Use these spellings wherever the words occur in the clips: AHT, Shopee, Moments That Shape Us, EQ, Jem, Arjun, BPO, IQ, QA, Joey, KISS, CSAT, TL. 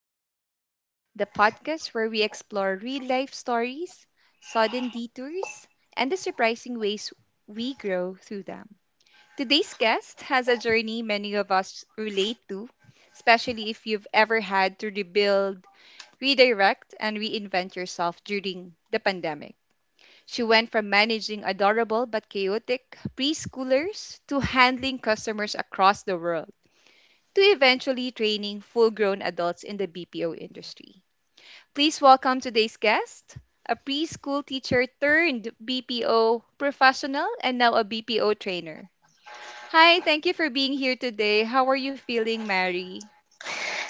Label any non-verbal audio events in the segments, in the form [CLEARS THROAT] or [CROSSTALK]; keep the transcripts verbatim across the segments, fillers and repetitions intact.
Shape Us, the podcast where we explore real life stories, sudden detours, and the surprising ways we grow through them. Today's guest has a journey many of us relate to, especially if you've ever had to rebuild, redirect, and reinvent yourself during the pandemic. She went from managing adorable but chaotic preschoolers to handling customers across the world to eventually training full grown adults in the B P O industry. Please welcome today's guest, a preschool teacher turned B P O professional and now a B P O trainer. Hi, thank you for being here today. How are you feeling, Mary?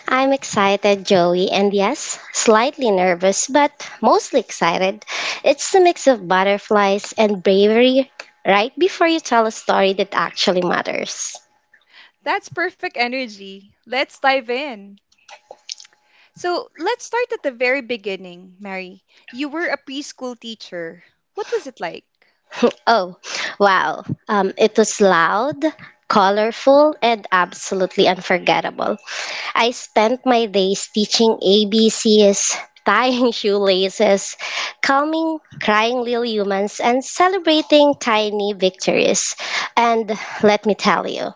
I'm excited, Joey, and yes, slightly nervous, but mostly excited. It's a mix of butterflies and bravery right before you tell a story that actually matters. That's perfect energy. Let's dive in. So, let's start at the very beginning, Mary. You were a preschool teacher. What was it like? Oh, wow. Um, it was loud, colorful, and absolutely unforgettable. I spent my days teaching A B Cs, tying [LAUGHS] shoelaces, calming crying little humans, and celebrating tiny victories. And let me tell you,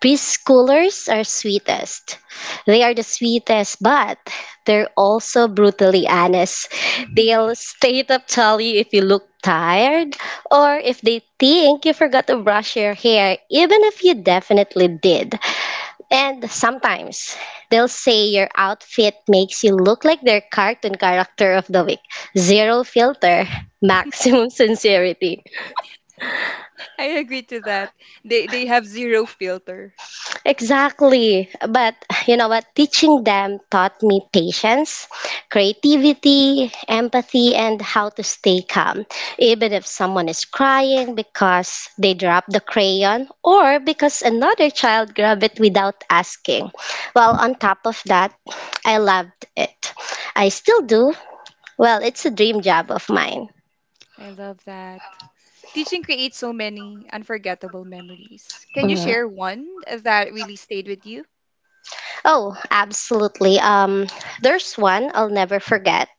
preschoolers are sweetest. They are the sweetest, but they're also brutally honest. They'll straight up tell you if you look tired or if they think you forgot to brush your hair, even if you definitely did. And sometimes they'll say your outfit makes you look like their cartoon character of the week. Zero filter, [LAUGHS] maximum sincerity. [LAUGHS] I agree to that. They they have zero filter. Exactly. But you know what? Teaching them taught me patience, creativity, empathy, and how to stay calm, even if someone is crying because they dropped the crayon or because another child grabbed it without asking. Well, on top of that, I loved it. I still do. Well, it's a dream job of mine. I love that. Teaching creates so many unforgettable memories. Can you Mhm. share one that really stayed with you? Oh, absolutely. Um, there's one I'll never forget.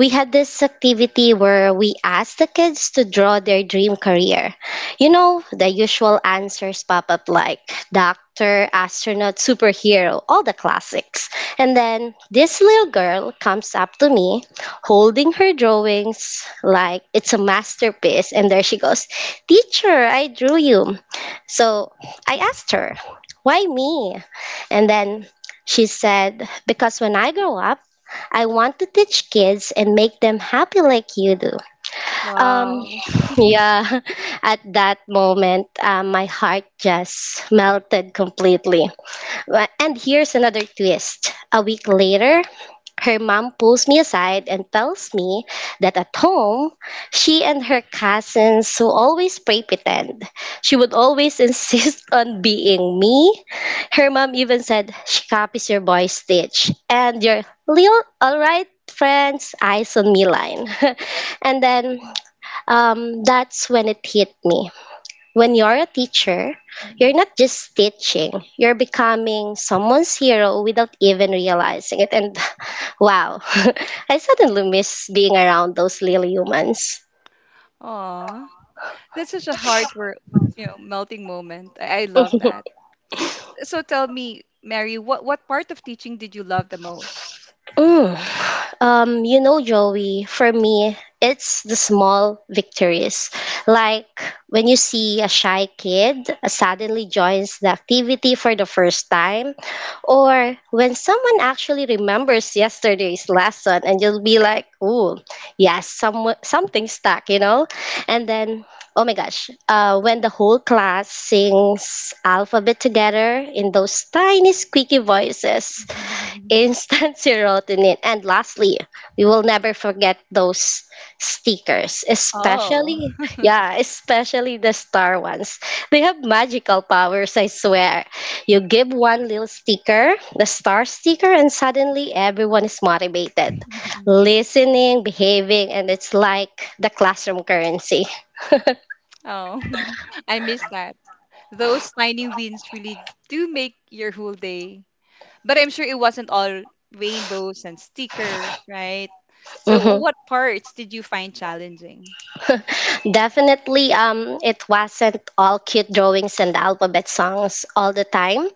We had this activity where we asked the kids to draw their dream career. You know, the usual answers pop up like doctor, astronaut, superhero, all the classics. And then this little girl comes up to me holding her drawings like it's a masterpiece. And there she goes, "Teacher, I drew you." So I asked her, "Why me?" And then she said, "Because when I grow up, I want to teach kids and make them happy like you do." Um, Wow. yeah, [LAUGHS] at that moment, uh, my heart just melted completely. Well, and here's another twist. A week later, her mom pulls me aside and tells me that at home, she and her cousins who always play pretend. She would always [LAUGHS] insist on being me. Her mom even said, "She copies your boy Stitch and your little alright friends eyes on me line." [LAUGHS] And then um, that's when it hit me. When you're a teacher, you're Mm. not just teaching, you're becoming someone's hero without even realizing it. And [LAUGHS] wow, [LAUGHS] I suddenly miss being around those little humans. Aw, that's such a heartwarming, you know, melting moment. I, I love [LAUGHS] that. So tell me, Mary, what what part of teaching did you love the most? Mm. Um, you know, Joey, for me, it's the small victories. Like when you see a shy kid suddenly joins the activity for the first time, or when someone actually remembers yesterday's lesson and you'll be like, "Ooh, yes, some something stuck," you know? And then, oh my gosh, uh, when the whole class sings alphabet together in those tiny squeaky voices, [LAUGHS] instant [LAUGHS] serotonin. And lastly, we will never forget those stickers, Oh, especially, [LAUGHS] yeah, especially the star ones. They have magical powers, I swear. You give one little sticker, the star sticker, and suddenly everyone is motivated, listening, behaving, and it's like the classroom currency. oh, [LAUGHS] I miss that. Those tiny wins really do make your whole day. But I'm sure it wasn't all rainbows and stickers, right? So [LAUGHS] what parts did you find challenging? Definitely, um, it wasn't all cute drawings and alphabet songs all the time.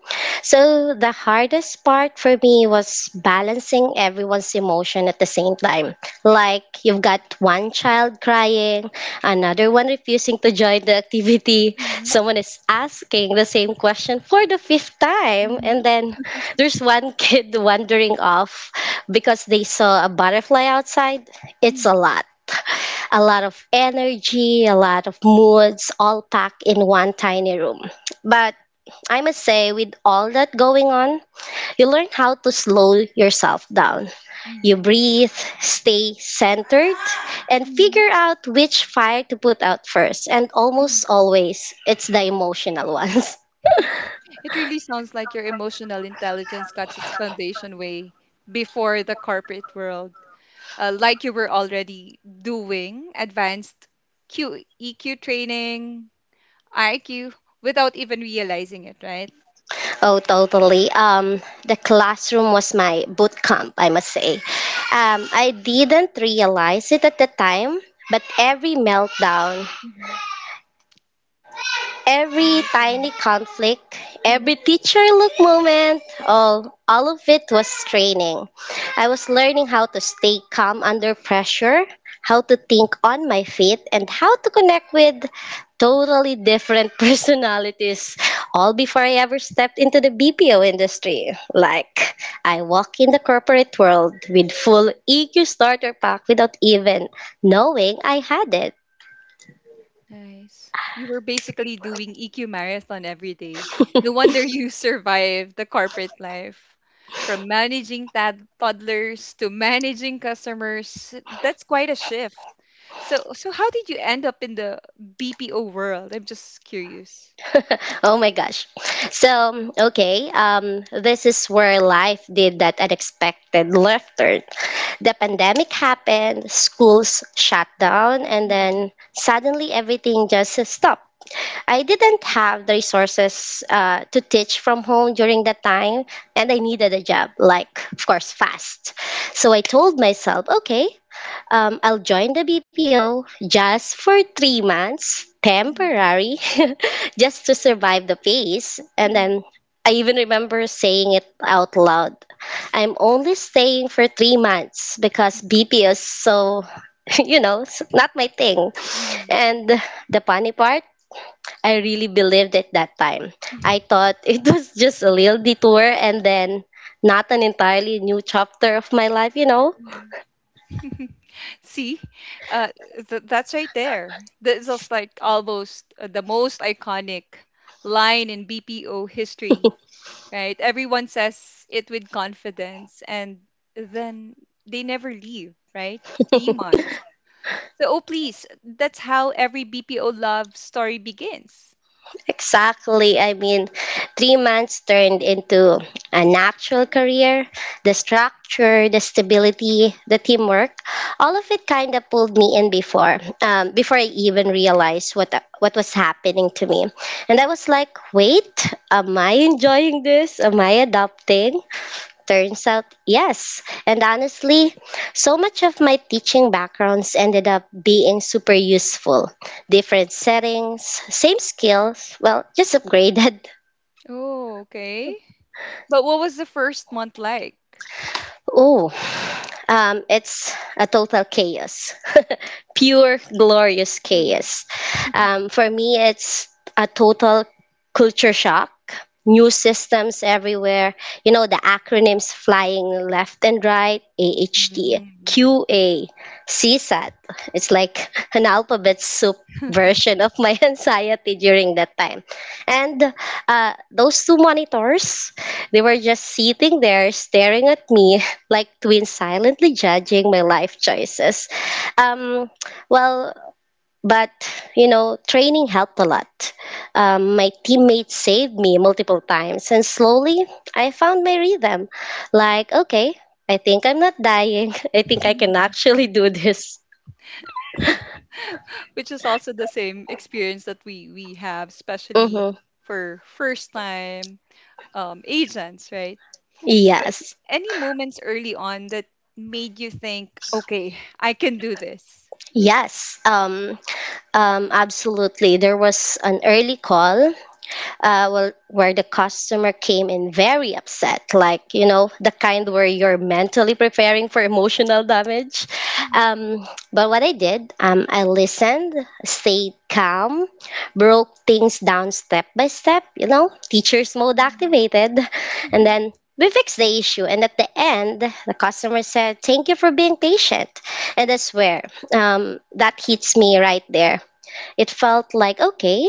So the hardest part for me was balancing everyone's emotion at the same time. Like you've got one child crying, another one refusing to join the activity, Hmm. someone is asking the same question for the fifth time, and Hmm. then there's one kid [LAUGHS] wandering off because they saw a butterfly outside. It's a Hmm. lot a lot of energy, a lot of moods, all packed in one tiny room. But I must say, with all that going on, you learn how to slow yourself down. You Hmm. breathe, stay centered, and Hmm. figure out which fire to put out first. And Hmm. almost [LAUGHS] always, it's the emotional [LAUGHS] ones. It really sounds like your emotional intelligence got its foundation way before the corporate world. Uh, like you were already doing advanced Q, E Q training, I Q, without even realizing it, right? Oh, totally. Um, the classroom was my boot camp, I must say. Um, I didn't realize it at the time, but every meltdown, every Mm-hmm. tiny conflict, every teacher look moment, all all of it was training. I was learning how to stay calm under pressure, how to think on my feet, and how to connect with totally different [LAUGHS] personalities all before I ever stepped into the B P O industry. Like I walk in the corporate world with full E Q starter pack without even knowing I had it. Nice. You were basically doing E Q marathon every day. No wonder you [LAUGHS] survived the corporate life. From managing tad- toddlers to managing customers, that's quite a shift. So, so how did you end up in the B P O world? I'm just curious. [LAUGHS] [LAUGHS] Oh my gosh. So, okay, um, this is where life did that unexpected left turn. The pandemic happened, schools shut down, and Mhm, then suddenly everything just stopped. I didn't have the resources uh, to teach from home during that time, and I needed a job, like, of course, fast. So I told myself, okay, um, I'll join the B P O just for three months, mhm, temporary, [LAUGHS] just to survive the phase. And then I even remember saying it out loud. I'm only staying for three months because B P O is so, [LAUGHS] you know, s- not my thing. mhm, And the funny part, I really believed it that time. mhm, I thought [LAUGHS] it was just a little detour and then not an entirely new chapter of my life, you know. mhm, mhm. [LAUGHS] See, uh, th- that's right there. This is like almost uh, the most iconic line in B P O history. Right? Everyone says it with confidence and then they never leave, right? Three months. So, oh, please, that's how every B P O love story begins. Exactly. I mean, three months turned into an actual career. The structure, the stability, the teamwork, all of it kind of pulled me in before, um, before I even realized what what was happening to me. And I was like, wait, am I enjoying this? Am I adapting? Turns out, yes. And honestly, so much of my teaching backgrounds ended up being super useful. Different settings, same skills, well, just upgraded. [LAUGHS] Oh, okay. But what was the first month like? Oh, Um, it's a total chaos, [LAUGHS] pure, glorious Mm. chaos. Um, for me, it's a total culture shock. New systems everywhere. You know, the acronyms flying left and right, A H T, Mm. Q A, C S A T. It's like [LAUGHS] an alphabet soup version of my [LAUGHS] anxiety during that time. And uh, those two monitors, they were just sitting there staring at me like twins silently judging my life choices. Um, well, but you know, training helped a lot. Um, my teammates saved me multiple times, and slowly I found my rhythm. Like, okay, I think I'm not dying. [LAUGHS] I think I can [LAUGHS] actually do this. Which is also the same experience that we we have, especially Mm-hmm. for first time um, agents, right? So, Yes. any moments early on that made you think, okay, I can do this? Yes. Um, um, absolutely. There was an early call uh, well, where the customer came in very upset, like, you know, the kind where you're mentally preparing for emotional damage. Mhm. Um, but what I did, um, I listened, stayed calm, broke things down step by step, you know, teacher's mode Mhm. activated, and Mhm. then we fixed the issue. And at the end, the customer said, "Thank you for being patient." And I swear, um, that hits me right there. It felt like, okay,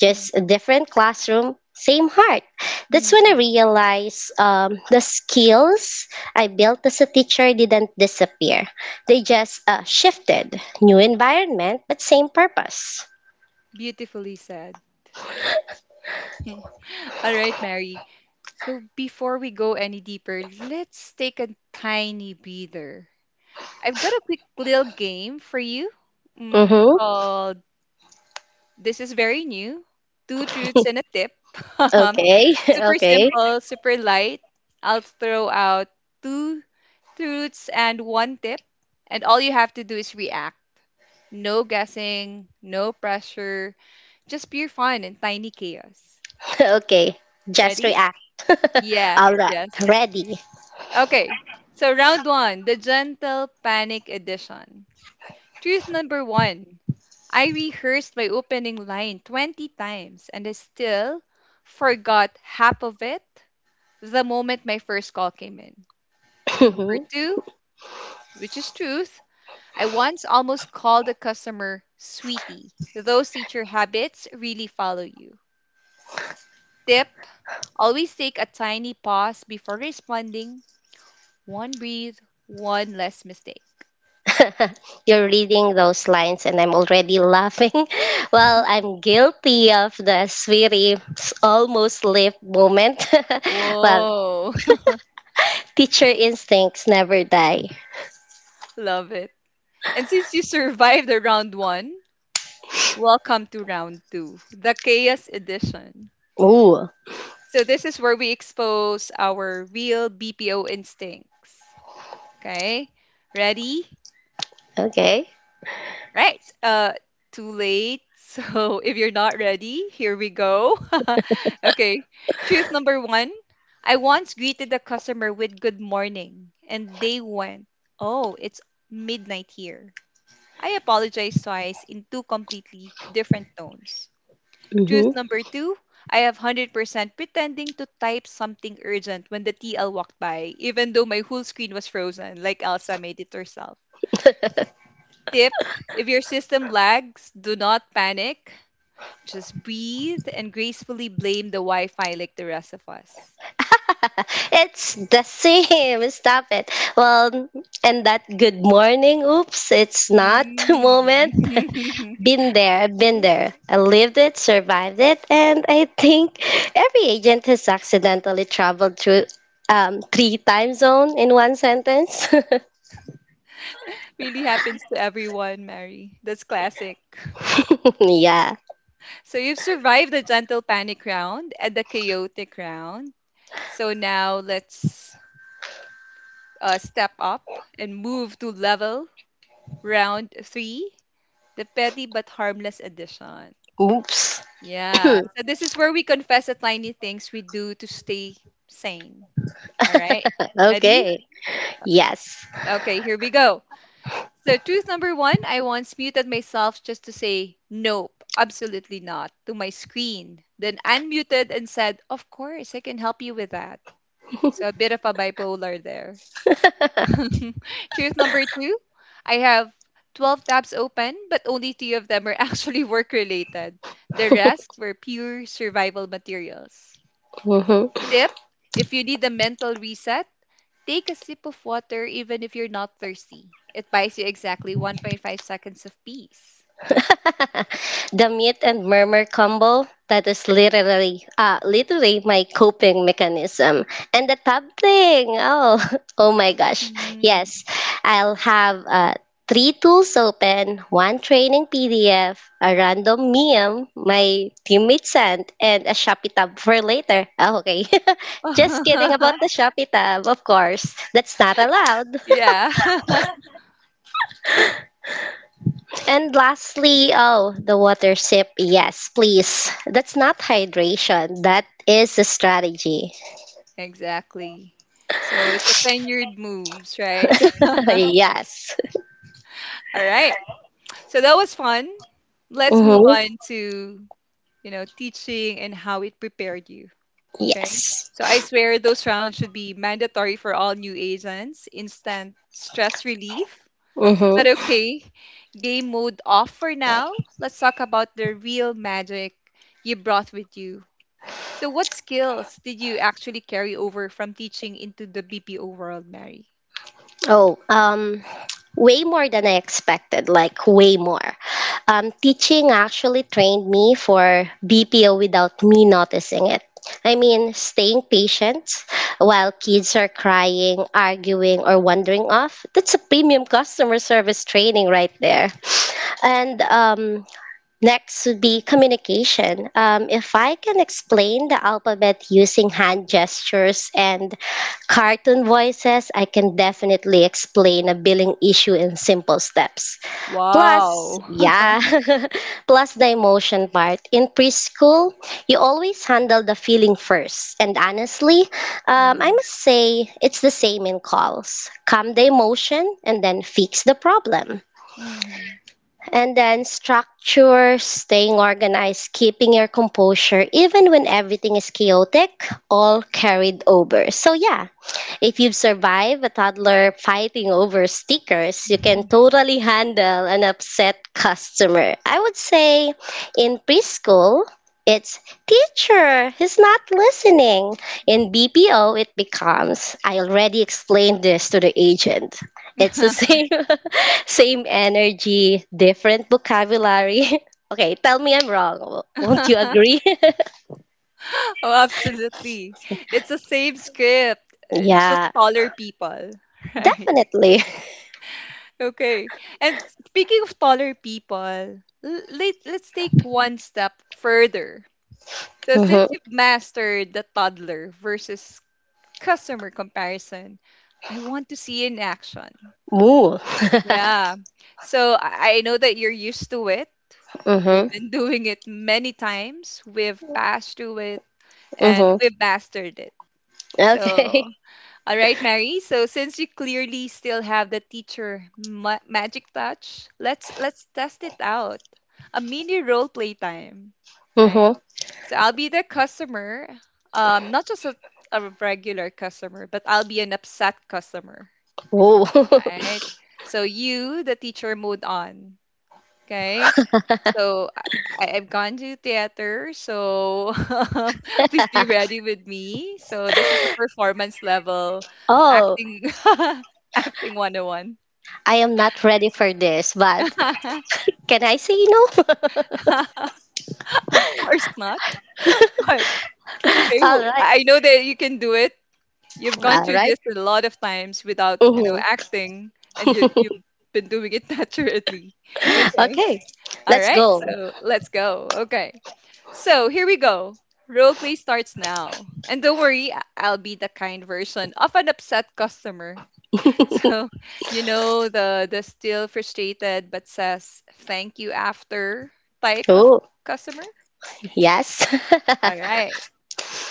just a Mhm. different classroom, same heart. That's when I Mhm. realized um, the skills I built as a teacher didn't disappear. They just uh, shifted. New environment, but same purpose. Beautifully said. [LAUGHS] All right, Mary. So, before we go any deeper, let's take a tiny breather. I've got a quick little game for you mm, Mm-hmm. called This is Very New Two Truths and a Tip. [LAUGHS] Okay, [LAUGHS] Super okay, simple, super light. I'll throw out two truths, and one tip. And all you have to do is react. No guessing, no pressure, just pure fun and tiny chaos. [LAUGHS] okay. Just Ready? react. [LAUGHS] Yes, All right, yes. ready. Okay, so round one, the gentle panic edition. Truth number one: I rehearsed my opening line twenty times and I still forgot half of it the moment my first call came in. Number [LAUGHS] two, which is truth. I once almost called a customer sweetie. Those teacher habits really follow you. Tip: always take a tiny pause before responding. One breathe, one less mistake. [LAUGHS] You're reading those lines, and I'm already laughing. [LAUGHS] Well, I'm guilty of the sweetie almost lip moment. [LAUGHS] Well, Whoa, [LAUGHS] teacher instincts never die. love it. And since you survived the round one, welcome to round two, the chaos edition. Ooh, So, this is where we expose our real B P O instincts. Okay, ready? okay. Right. Uh, too late. So [LAUGHS] if you're not ready, here we go. [LAUGHS] Okay. Truth number one: I once greeted a customer with good morning, and they went, oh, it's midnight here. I apologized twice in two completely different tones. Truth Hmm. number two: I have one hundred percent pretending to type something urgent when the T L walked by, even though my whole screen was frozen, like Elsa made it herself. Tip: if your system lags, do not panic. Just breathe and gracefully blame the Wi Fi like the rest of us. [LAUGHS] It's the same. [LAUGHS] Stop it. Well, and that good morning, oops, it's not [LAUGHS] moment. [LAUGHS] Mm. [LAUGHS] Been there, I've been there. I lived it, survived it, and I think every agent has accidentally traveled through um, three time zone in one sentence. Really happens to everyone, Mary. That's classic. [LAUGHS] Yeah. So you've survived the gentle panic round and the chaotic round. So now let's uh, step up and move to level round three, the petty but harmless edition. Oops. Yeah. [COUGHS] So this is where we confess the tiny things we do to stay sane. All right. [CLEARS THROAT] Ready? Okay. Yes. Okay, here we go. So, truth number one: I once muted myself just to say, nope, absolutely not, to my screen. Then unmuted and said, of course, I can help you with that. So, a bit of a bipolar there. [LAUGHS] Truth number two: I have twelve tabs open, but only two of them are [LAUGHS] actually work related. The rest were pure survival materials. Hmm. Tip: if you need a mental reset, take a sip of water even if you're not thirsty. It buys you exactly one point five seconds of peace. [LAUGHS] The mute and murmur combo, that is literally uh, literally my coping mechanism. And the tab thing, oh, [LAUGHS] oh my gosh, Mm. yes. I'll have uh, three tools open: one training pdf, a random meme my teammate sent, and a shopee tab for later. Oh, okay. [LAUGHS] Just kidding about the [LAUGHS] shopee tab, of course, that's not allowed. Yeah, [LAUGHS] And lastly, oh, the water sip. Yes, please. That's not hydration. That is a strategy. exactly. So it's a tenured moves, right? [LAUGHS] Yes. [LAUGHS] All right. So that was fun. Let's move Mm-hmm. on to, you know, teaching and how it prepared you. Okay. Yes. So I swear those rounds should be mandatory for all new agents. Instant stress relief. But Mm-hmm. okay, game mode off for now. Let's talk about the real magic you brought with you. So, what skills did you actually carry over from teaching into the B P O world, Mary? Oh, um, way more than I expected, like way more. Um, teaching actually trained me for B P O without me noticing it. I mean, staying patient while kids are crying, arguing, or wandering off. That's a premium customer service training right there. And um, next would be communication. Um, if I can explain the alphabet using hand gestures and cartoon voices, I can definitely explain a billing issue in simple steps. Plus, Wow. [LAUGHS] yeah, [LAUGHS] plus the emotion part. In preschool, you always handle the feeling first. And honestly, Yeah. um, I must say it's the same in calls. Calm the emotion and then fix the problem. Mhm. And then structure, staying organized, keeping your composure, even when everything is chaotic, all carried over. So, yeah, if you've survived a toddler fighting over stickers, you can totally handle an upset customer. I would say in preschool, it's teacher, he's not listening. In B P O, it becomes I already explained this to the agent. It's the [LAUGHS] same [LAUGHS] same energy, different vocabulary. [LAUGHS] Okay, tell me I'm wrong. W- Won't you [LAUGHS] agree? [LAUGHS] oh, absolutely. It's the same script, uh, just Yeah, taller people, [LAUGHS] right? definitely. [LAUGHS] Okay. And speaking of taller people, l- let, let's take one step further. So Mm-hmm. since you've mastered the toddler versus customer comparison, I want to see in action. Moo. Yeah. [LAUGHS] So I I know that you're used to it. Hmm. We've been [LAUGHS] doing it many times. We've passed through it and Mm-hmm. we've mastered it. So, Okay. [LAUGHS] all right, Mary. So since you clearly still have the teacher ma- magic touch, let's let's test it out. A mini role play time, right? Mm-hmm. So I'll be the customer, um, not just a, a regular customer, but I'll be an upset customer, Oh. right? So you, the teacher, moved on, okay? So I, I- I've gone to theater, so [LAUGHS] please be ready with me. So this is a performance level [LAUGHS] Oh, acting [LAUGHS] acting one oh one. I am not ready for this, but [LAUGHS] can I say no? [LAUGHS] Of course not. What? Okay, All well, right. I know that you can do it. You've gone All through right. this a lot of times without, you know, Mm-hmm. acting, and you you've been doing it [LAUGHS] naturally. [LAUGHS] Okay. Okay. All Let's right. go. So let's go. Okay. So here we go. Role play starts now. And don't worry, I- I'll be the kind version of an upset customer. [LAUGHS] So, [LAUGHS] you know, the the still frustrated but says thank you after type of Oh, customer. yes. All right.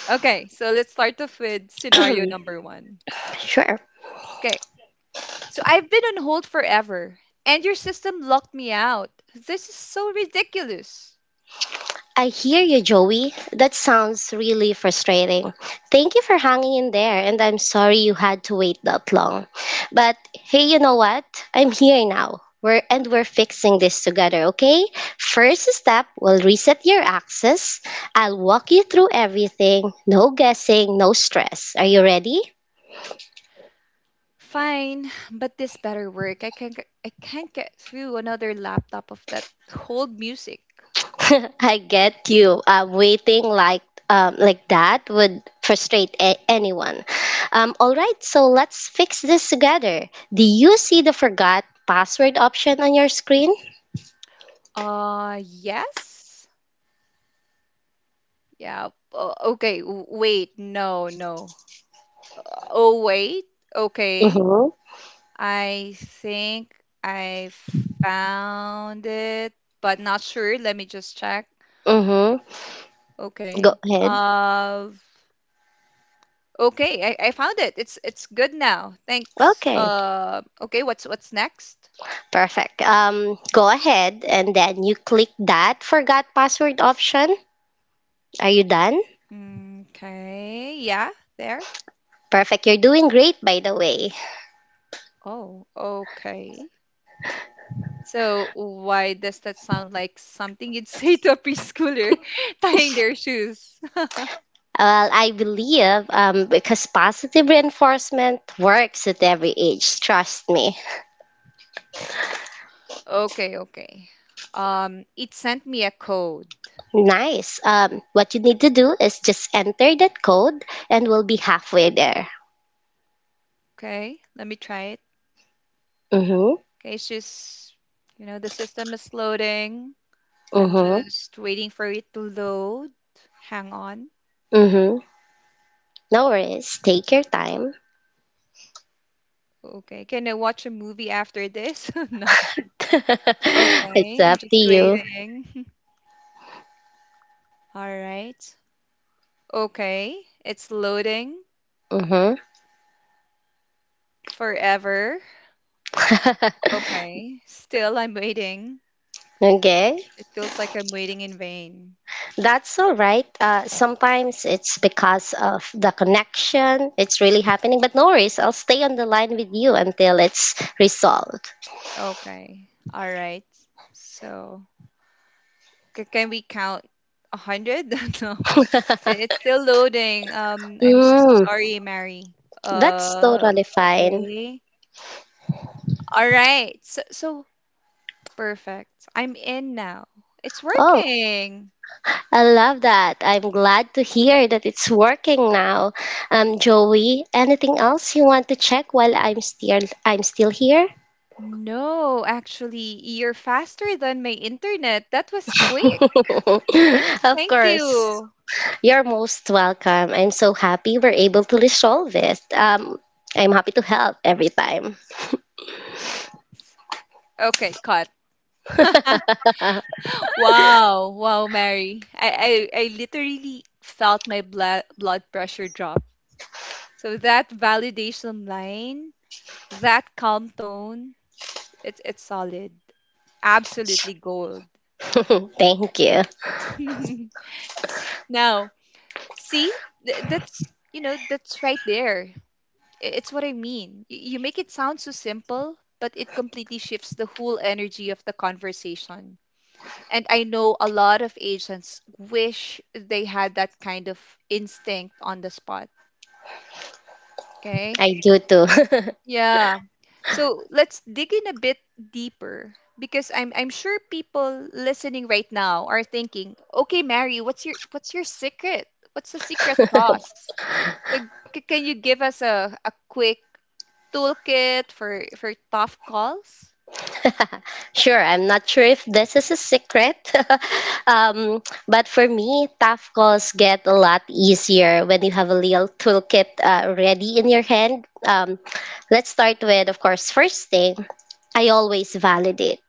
Okay, so let's start off with scenario [CLEARS THROAT] number one. Sure. Okay. So I've been on hold forever, and your system locked me out. This is so ridiculous. I hear you, Joey. That sounds really frustrating. Thank you for hanging in there, and I'm sorry you had to wait that long. But hey, you know what? I'm here now. We're and we're fixing this together, okay? First step, we'll reset your access. I'll walk you through everything. No guessing, no stress. Are you ready? Fine, but this better work. I can't get- I can't get through another laptop of that hold music. [LAUGHS] I get you. Uh, waiting like um, like that would frustrate a- anyone. Um, all right, so let's fix this together. Do you see the forgot password option on your screen? Uh, yes? Yeah. o- Okay, w- wait. No, no. Oh, wait. Okay. Mm-hmm. I think I found it, but not sure. Let me just check. Mm-hmm. Go Okay. ahead. Uh Okay, I, I found it. It's it's good now. Thanks. Okay. Uh, okay, what's what's next? Perfect. Um, go ahead and then you click that forgot password option. Are you done? Okay, yeah, there. Perfect. You're doing great, by the way. Oh, okay. So why does that sound like something you'd [LAUGHS] say to a preschooler [LAUGHS] tying their shoes? [LAUGHS] Well, I believe um, because positive reinforcement works at every age, trust me. Okay, okay. Um, it sent me a code. Nice. Um, what you need to do is just enter that code and we'll be halfway there. Okay, let me try it. Mm-hmm. Okay, it's just, you know, the system is loading. I'm Mm-hmm. just waiting for it to load. Hang on. Mm-hmm. No worries. Take your time. Okay. Can I watch a movie after this? [LAUGHS] No. [LAUGHS] It's Okay, up I'm just to you. waiting. [LAUGHS] All right. Okay, it's loading forever. Mm-hmm. Okay, still I'm waiting. [LAUGHS] Okay. It feels like I'm waiting in vain. That's all right. Uh, sometimes it's because of the connection, it's really happening. But no worries, I'll stay on the line with you until it's resolved. Okay, all right. So, c- can we count a hundred? [LAUGHS] No. It- it's [LAUGHS] still loading. Um, I'm Mm, sorry, Mary. that's Uh, totally fine. okay. All right. So, so Perfect. I'm in now. It's Oh, working. I love that. I'm glad to hear that it's working now. Um, Joey, anything else you want to check while I'm still I'm still here? [LAUGHS] No, actually, you're faster than my internet. That was quick. Of Thank course. you. You're most welcome. I'm so happy we're able to resolve this. Um, I'm happy to help every time. Nice. Okay, cut. [LAUGHS] [LAUGHS] Wow. Wow, Mary. I, I, I literally felt my blood blood pressure drop. So that validation line, that calm tone, it's it's solid. Absolutely gold. Thank you. [LAUGHS] Now, see, Th- that's you know that's right there. I- It's what I mean. Y- You make it sound so simple, but it completely shifts the whole energy of the conversation. And I know a lot of agents wish they had that kind of instinct on the spot. Okay, I do too. yeah. So let's dig in a bit deeper because I'm I'm sure people listening right now are thinking, okay, Mary, what's your what's your secret? What's the secret [LAUGHS] sauce? So c- can you give us a, a quick toolkit for for tough calls? [LAUGHS] Sure, I'm not sure if this is a secret, [LAUGHS] um, but for me, tough calls get a lot easier when you have a little toolkit uh, ready in your hand. Um, let's start with, of course, first thing, I always validate.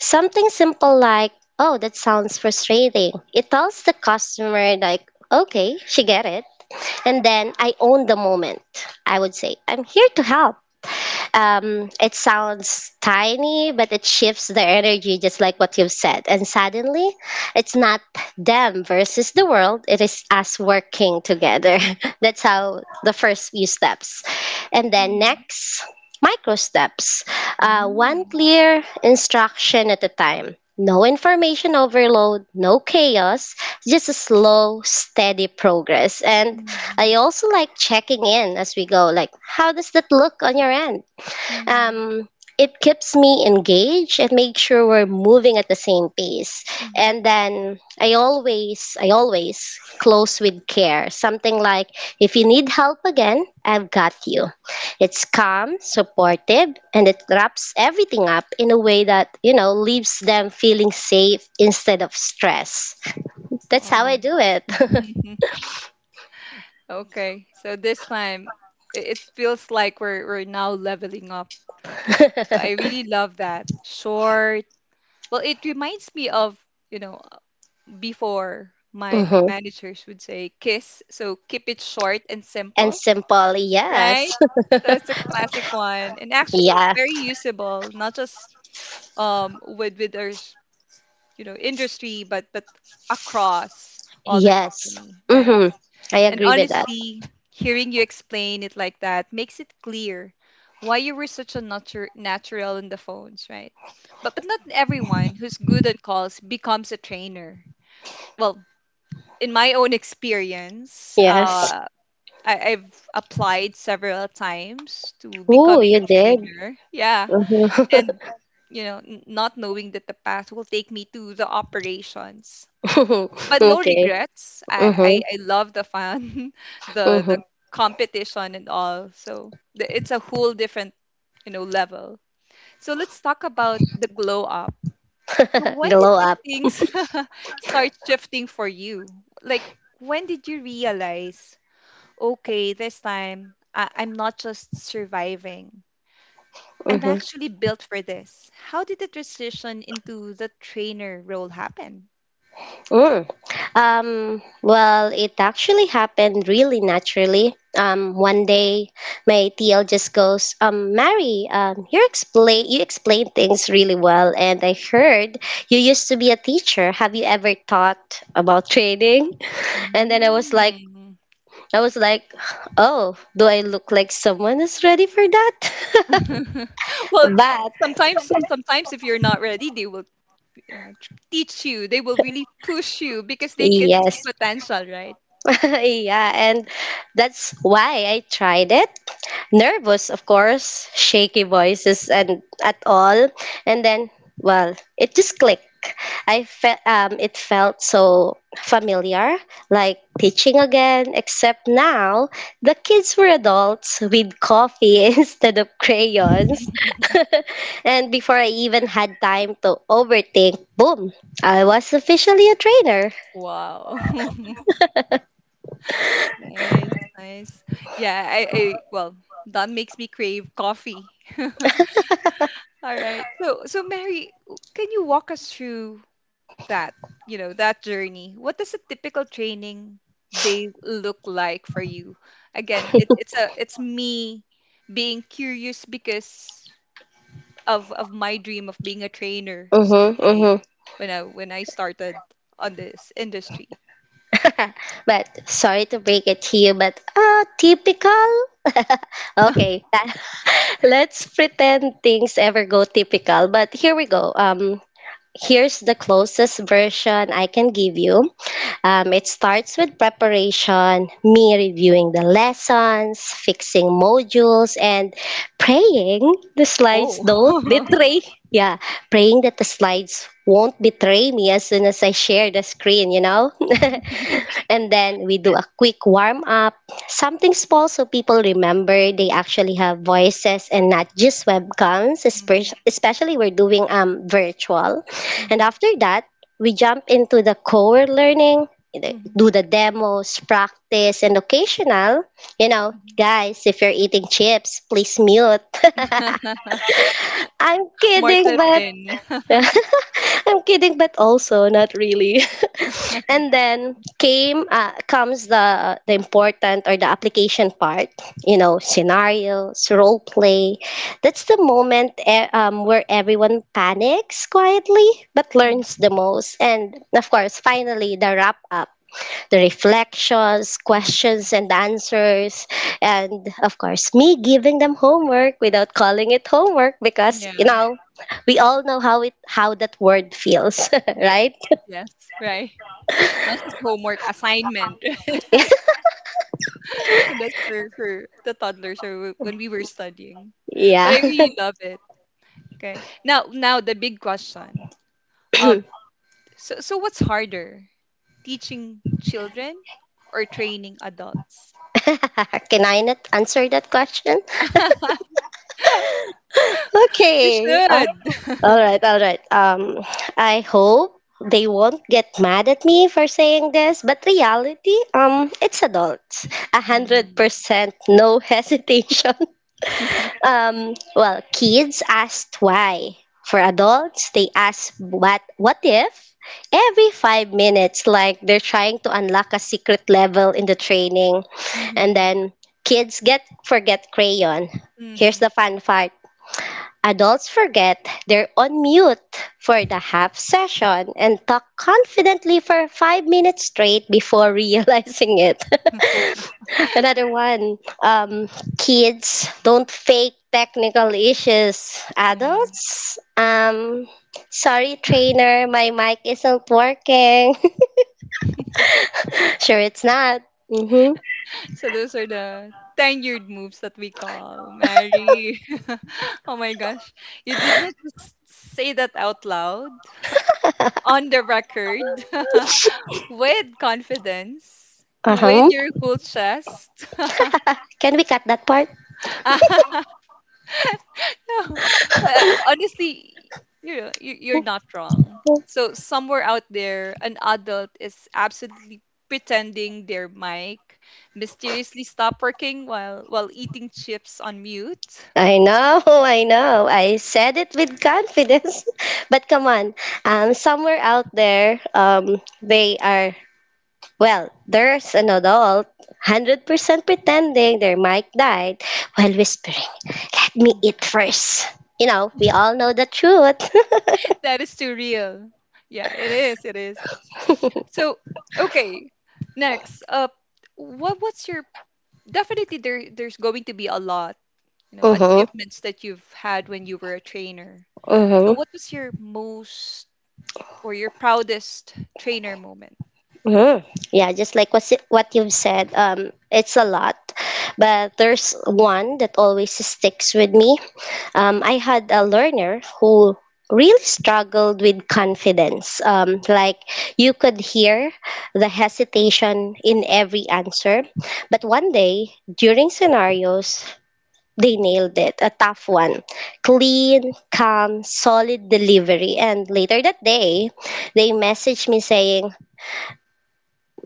Something simple like, oh, that sounds frustrating. It tells the customer, like, okay, she get it. And then I own the moment. I would say, I'm here to help. Um, it sounds tiny, but it shifts the energy just like what you've said. And suddenly, it's not them versus the world, it is us working together. [LAUGHS] That's how the first few steps. And then Hmm. next, micro steps. Uh, one Mm-hmm. clear instruction at a time. No information overload, no chaos, just a slow, steady progress. And I also like checking in as we go, like, how does that look on your end? Mm-hmm. um, it keeps me engaged and makes sure we're moving at the same pace. And then I always, I always close with care. Something like, if you need help again, I've got you. It's calm, supportive, and it wraps everything up in a way that, you know, leaves them feeling safe instead of stress. That's how I Wow. do it. [LAUGHS] Okay. So this time i- it feels like we're we're now leveling up. So I [LAUGHS] really love that. Short. Well, it reminds me of, you know, before my my hmm managers would say kiss, so keep it short and And simple. simple, Right? yes. [LAUGHS] So it's a classic one and actually Yeah. very usable, not just um with with our s- you know industry, but but across all the Yes. company, right? Mm-hmm. I And agree with that. honestly, hearing you explain it like that makes it clear why you were such a natu- natural in the phones, right? But but not everyone who's good on calls becomes a trainer. Well, in my own experience, Yes. uh, I, I've applied several times to Oh, becoming a you did? trainer. Yeah. Mm-hmm. And, [LAUGHS] you know, n- not knowing that the path will take me to the operations. But no Okay. regrets. I, I, Mm-hmm. I love the fun, [LAUGHS] the the Mm-hmm. competition and all. So the, it's a whole different, you know, level. So let's talk about the glow up. So [LAUGHS] when did Glow the up. things [LAUGHS] start shifting for you? Like when did you realize okay, this time I- I'm not just surviving. I'm Mm-hmm. actually built for this. How did the transition into the trainer role happen? Mm. Um, well, it actually happened really naturally. Um, one day, my T L just goes, um, Mary, um, you explain you explain things really well, and I heard you used to be a teacher. Have you ever thought about training? And then I was like, Mm. I was like, oh, do I look like someone is ready for that? [LAUGHS] [LAUGHS] Well, But sometimes sometimes if you're not ready, they will you know, t- teach you. They will really push you because they can see yes, potential, right? [LAUGHS] yeah, and that's why I tried it. Nervous, of course, shaky voices and at all. And then, well, it just clicked. I felt um, it felt so familiar, like teaching again, except now the kids were adults with coffee [LAUGHS] instead of crayons. [LAUGHS] [LAUGHS] And before I even had time to overthink, boom, I was officially a trainer. Wow. [LAUGHS] Nice, nice. Yeah, I, I well, that makes me crave coffee. [LAUGHS] All right. So, so Mary, w- can you walk us through that, you know, that journey? What does a typical training day look like for you? Again, it, it's a it's me being curious because of of my dream of being a trainer Mm-hmm, someday mm-hmm. when I when I started on this industry. [LAUGHS] But sorry to break it to you, but uh, typical. [LAUGHS] Okay, [LAUGHS] let's pretend things ever go typical. But here we go. Um, here's the closest version I can give you. Um, it starts with preparation, me reviewing the lessons, fixing modules, and praying the slides don't Oh. [LAUGHS] betray. Yeah, praying that the slides won't betray me as soon as I share the screen, you know? [LAUGHS] And then we do a quick warm up, something small so people remember they actually have voices and not just webcams, espe- Mhm. especially we're doing um virtual. And Mhm. after that, we jump into the core learning, the- Mhm. do the demos, practice, and occasional. You know, Mhm. guys, if you're eating chips, please mute. [LAUGHS] [LAUGHS] I'm More kidding, to but sin. yeah. [LAUGHS] [LAUGHS] I'm kidding, but also not really. [LAUGHS] And then came uh, comes the the important or the application part. You know, scenarios, role play. That's the moment eh, um, where everyone panics quietly, but learns the most. And of course, finally, the wrap up the reflections, Mhm. questions and answers, and of course, me giving them homework without calling it homework because you Yeah. know we all know how it how that word feels, [LAUGHS] right? Yes, right. Not just homework, assignment. [LAUGHS] And that's for for the toddlers or wh- when we were studying. But Yeah. I really love it. Okay. Now now the big question. Um, so so what's harder? Teaching children or training adults? [LAUGHS] Can I not answer that question? [LAUGHS] You Okay. Uh, should. All [LAUGHS] right. All right. Um, I hope they won't get mad at me for saying this, but reality, um, it's adults. A hundred Mm-hmm. percent, no hesitation. [LAUGHS] Um, well, kids asked why. For adults, they ask what what if every five minutes, like they're trying to unlock a secret level in the training. And Mm-hmm. then kids get forget crayon. Here's the fun part. Adults forget they're on mute for the half session and talk confidently for five minutes straight before [LAUGHS] realizing it. [LAUGHS] Another one. Um, Kids don't fake technical issues. Yeah. Adults, um, sorry trainer, my mic isn't working. [LAUGHS] Sure, it's not. Mm-hmm. So those are the tenured moves that we call Mary. [LAUGHS] Oh my gosh, you did not just say that out loud on the record [LAUGHS] with confidence, with Uh-huh. your whole chest. [LAUGHS] Can we cut that part? No, but I- honestly, you know, you- you're not wrong. So somewhere out there, an adult is absolutely pretending their mic mysteriously stopped working while while eating chips on mute. I know, [LAUGHS] I know. I said it with confidence. [LAUGHS] But come on, um, somewhere out there, um, they are, well, there's an adult one hundred percent pretending their mic died while whispering, let [LAUGHS] me eat Mhm. first." You know, we all know the truth. [LAUGHS] That is too real. Yeah, it is. It is. So, okay. Next up, what what's your definitely there there's going to be a lot, you know, Mm-hmm. achievements that you've had when you were a trainer. So, Mm-hmm. what was your most or your proudest trainer moment? hmm Yeah, just like what's it, what you've said, um, it's a lot. But there's one that always sticks with me. um, I had a learner who really struggled with confidence. Um, like you could hear the hesitation in every answer. But one day, during scenarios, they nailed it a tough one clean calm solid delivery and later that day they messaged me saying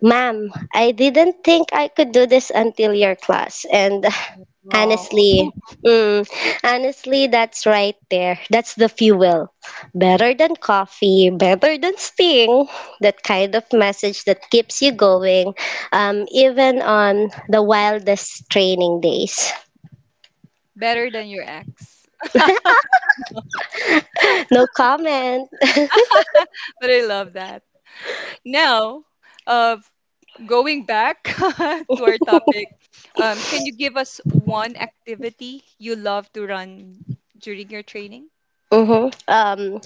ma'am I didn't think I could do this until your class and [LAUGHS] Wow. Honestly, [LAUGHS] mm, honestly, that's right there. That's the fuel. Better than coffee, better than sting. That kind of message that keeps you going, um, even on the wildest training days. Better than your ex. [LAUGHS] [LAUGHS] No comment. [LAUGHS] But I love that. Now, uh, going back [LAUGHS] to our topic, um, can you give us one activity you love to run during your training? Mm-hmm. Um,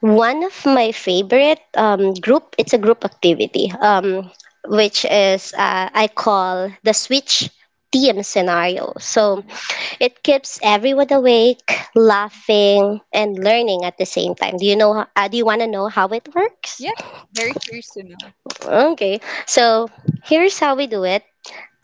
One of my favorite um, group, it's a group activity, um, which is uh, I call the switch team scenario. So Mhm, it keeps everyone awake, mhm. laughing, and learning at the same time. Do you know? Uh, do you want to know how it works? Yeah, very curious to know. Okay, so here's how we do it.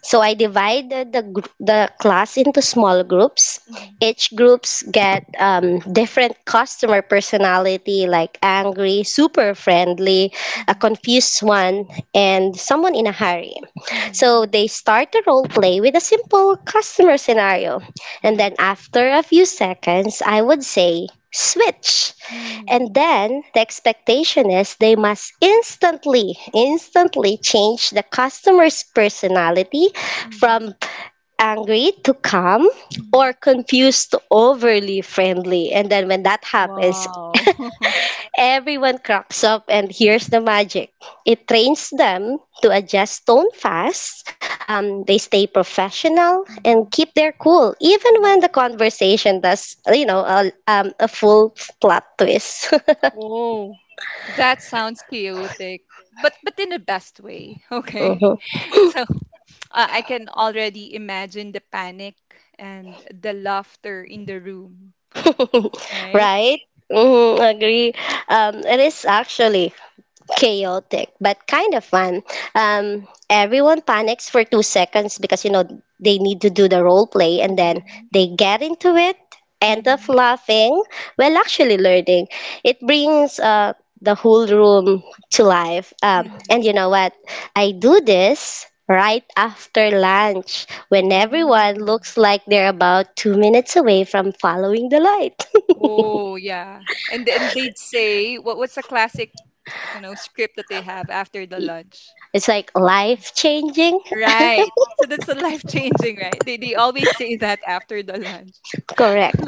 So I divided the gr- the class into small groups. Mhm, Each groups get um, different customer personality, like angry, super friendly, a mhm, confused one, and someone in a hurry. mhm, So mhm. they start the role play with a simple customer scenario, and Wow. then after a few seconds, I would say switch. Mhm, And then the expectation is they must instantly, instantly change the customer's personality mhm, from angry to calm mhm. or confused to overly friendly. And then when that happens, Wow. [LAUGHS] everyone cracks up, and here's the magic it trains them to adjust tone fast. Um, they stay professional and Mhm, keep their cool, even when mhm. the conversation does, you know, a, um, a full plot twist. [LAUGHS] Whoa. That sounds chaotic, but but in the best way. [LAUGHS] Okay. Mhm. So uh, I can already imagine the panic and the laughter in the room, [LAUGHS] right? Right? hmm Agree. Um, it is actually chaotic, but kind of fun. Um, everyone panics for two seconds because you know they need to do the role play, and then Mhm. they get into it, end up Mhm. laughing, well, actually learning. It brings uh, the whole room to life. Um, and Mhm. you know what? I do this. Right after lunch, when everyone Mm. looks like they're about two minutes away from following the light. Oh, yeah. And then they'd say, what, what's the classic, you know, script that they have after the lunch? It's like life changing. Right. So that's a [LAUGHS] life changing, right? They, they always say that after the lunch. [LAUGHS] Correct.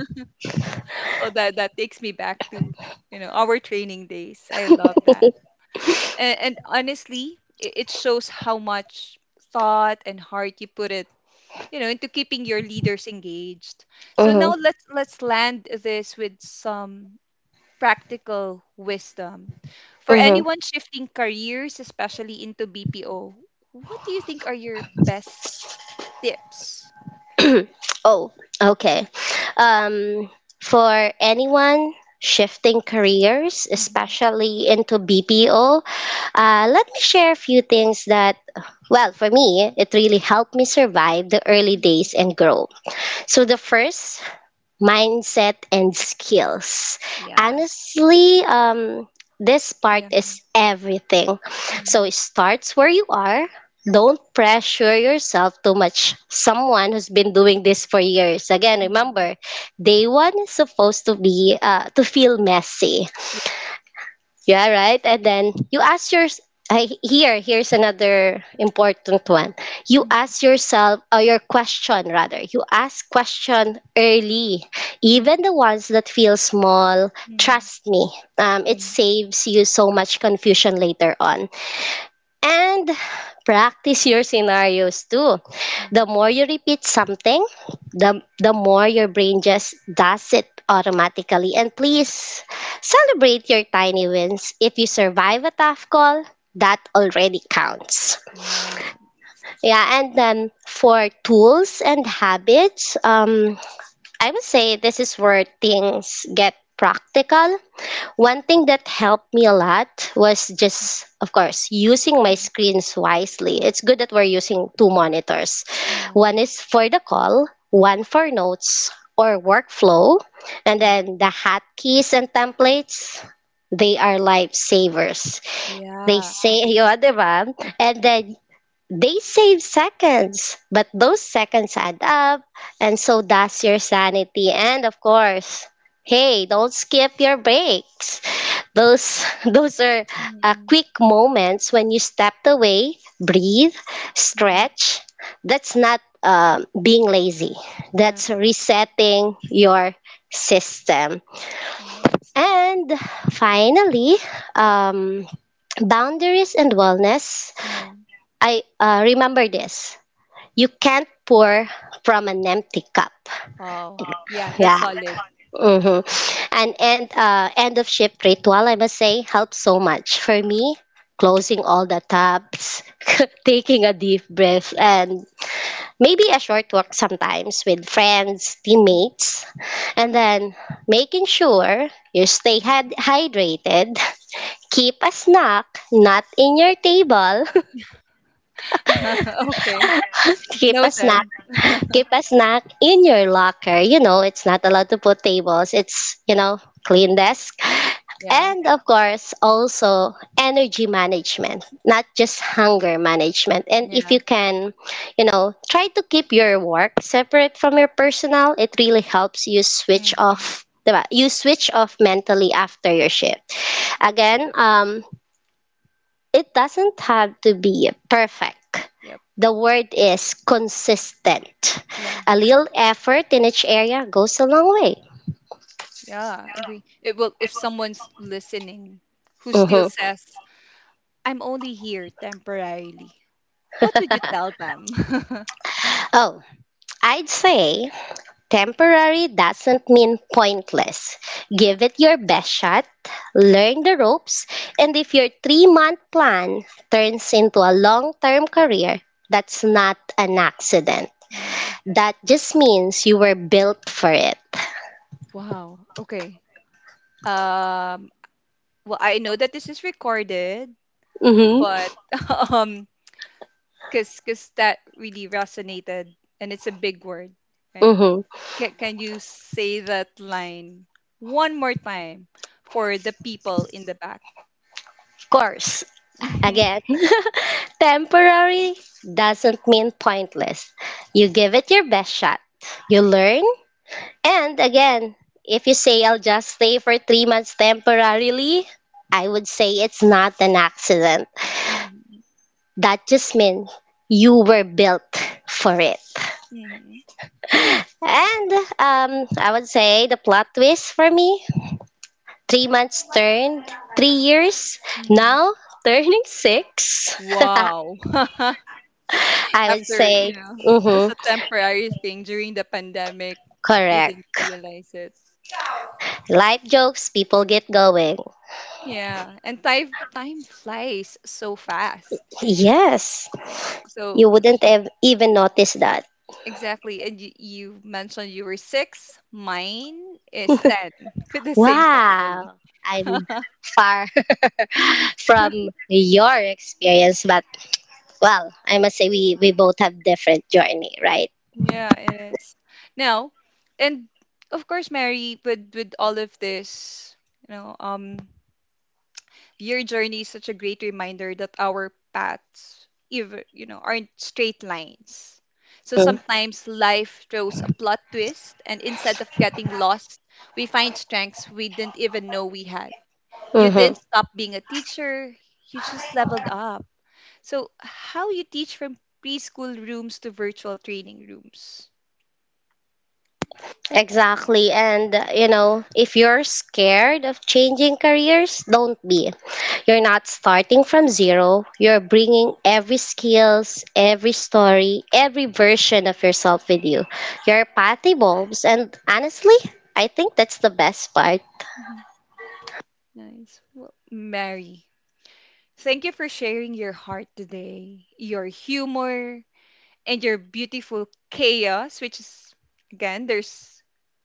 Well, that, that takes me back to, you know, our training days. I love that. And, and honestly, i- it shows how much thought and heart you put it, you know, into keeping your leaders engaged. So now Mm-hmm. let's let's land this with some practical wisdom. For Mm-hmm. anyone shifting careers, especially into B P O, what do you think are your best tips? [CLEARS THROAT] Oh, okay. Um, for anyone shifting careers, Mhm, especially into B P O, uh, let me share a few things that, well, for me, it really helped me survive the early mhm. days and grow. So the first mindset and skills. Yeah. Honestly, um, this part Yeah. is everything. So Mhm. it starts where you are. Don't pressure yourself too much. Someone who's been doing this for years. Again, Mhm. remember, day one is supposed to be uh, to feel messy Yeah. yeah, right. And then you ask your I, here here's another important one. You Mhm, ask yourself or your question rather. You ask question early, mhm, even the ones that feel small. mhm. Trust me, um, it Yeah. saves you so much confusion later on. And practice your scenarios too. Mhm. The more you repeat something, the, the more your brain just does it automatically. And please celebrate your tiny wins. If you survive a tough call, that already counts. Nice. Yeah, and then for tools and habits, um, I would say this is where things get practical. One thing that helped me a lot was just, of course, using my Mhm. screens wisely. It's good that we're using two monitors. Yeah. One is for the call, one for notes or workflow, and then the hotkeys and templates, they are lifesavers. They Yeah, say, [LAUGHS] agree. yun, di ba? And then they save seconds, but those seconds add up, and so does your sanity. And of course, hey, don't skip your breaks. Those [LAUGHS] those are uh, Mm-hmm. quick moments when you step away, breathe, Mm-hmm. stretch. That's not um being lazy. Yeah, That's resetting your system. nice. And finally, um, boundaries and wellness. Yeah. I uh, remember this, you can't pour from an empty cup. Oh. Yeah, that's Yeah. solid. hmm And end, uh, end of shift ritual, I must say, helps so much. For me, closing all the tabs, [LAUGHS] taking a deep breath, and maybe a short walk sometimes with friends, teammates, and then making sure you stay Mm-hmm. had- hydrated. [LAUGHS] Keep a snack, not in your table. [LAUGHS] [LAUGHS] Okay. Keep a snack, Noted. keep a snack in your locker. You know, it's not allowed to put tables, it's, you know, clean desk. Yeah. And of course, also energy management, not just hunger management. And if Yeah. you can, you know, try to keep your work separate from your personal, it really helps you switch Mm-hmm. off. Diba? You switch off mentally after your shift. Again, um, it doesn't have to be perfect. Yep. The word is consistent. Yeah. A little effort in each area goes a long way. Yeah. Agree. It will if someone's listening who still Mhm. says, I'm only here temporarily, what would you tell them? Oh, I'd say temporary doesn't mean pointless. [LAUGHS] Yeah. Give it your best shot, learn the ropes, and if your three month plan turns into a long term career, that's not an accident. Yeah. That just means you were built for it. Wow. Okay. Um, well I know that this is recorded, Mm-hmm. but [LAUGHS] um, Cause, cause that really resonated, and it's a big word, right? Mm-hmm. Can, can you say that line one more time for the people in the back? Of course. Again, [LAUGHS] [LAUGHS] temporary doesn't mean pointless. You Yeah. give it your best shot. You learn. And again, if you say I'll just stay for three months temporarily, I would say it's not an accident. Mhm. That just means you were built for it. Mhm. And um, I would say the plot twist for me, three months turned three years, Mhm. now turning six. [LAUGHS] Wow. [LAUGHS] I would After, say, you know, just mhm. a temporary thing during the pandemic, you didn't Correct. realize it. Light jokes, people get going. Yeah. And time time flies so fast, Yes, right? So you y- wouldn't have even noticed that. Exactly. And you, you mentioned you were six. Mine is ten [LAUGHS] with the same company. Wow, I'm [LAUGHS] far [LAUGHS] from your experience, but well, I must say we, we both have different journey, right? Yeah, it is. Now, and of course, Mary, with with all of this, you know, um, your journey is such a great reminder that our paths, even you know, aren't straight lines. So sometimes life throws a plot twist, and instead of getting lost, we find strengths we didn't even know we had. You didn't Mm-hmm. stop being a teacher, you just leveled up. So, how you teach from preschool rooms to virtual training rooms? Exactly. And, uh, you know, if you're scared of changing careers, don't be. You're not starting from zero. You're bringing every skills, every story, every version of yourself with you. Your path evolves. And honestly, I think that's the best part. Mhm. Nice. Well, Mary, thank you for sharing your heart today, your humor, and your beautiful chaos, which is, again, there's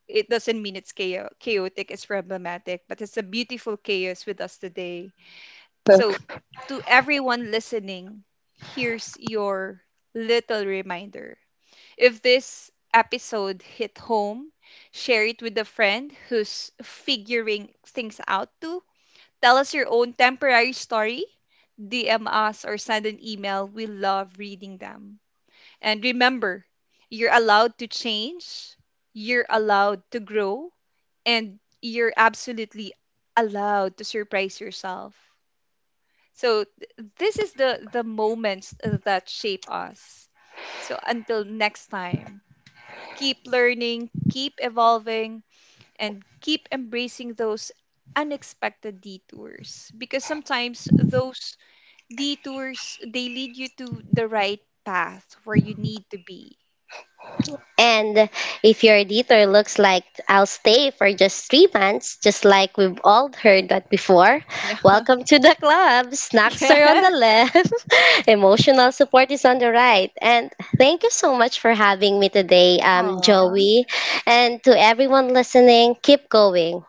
it doesn't mean it's chao- chaotic, it's problematic, but it's a beautiful chaos with us today. So, [LAUGHS] to everyone listening, here's your little reminder. If this episode hit home, share it with a friend who's figuring things out too. Tell us your own temporary story, D M us, or send an email. We love reading them. And remember, you're allowed to change, you're allowed to grow, and you're absolutely allowed to surprise yourself. So th- this is the the moments uh, that shape us. So until next time, keep learning, keep evolving, and keep embracing those unexpected detours because sometimes those detours they lead you to the right path where you need to be. And if your editor looks like I'll stay for just three months, just like we've all heard that before, Yeah. [LAUGHS] welcome to the club. Snacks are on the Yes. left, [LAUGHS] emotional support is on the right. And thank you so much for having me today, um, Aww. Joey. And to everyone listening, keep going.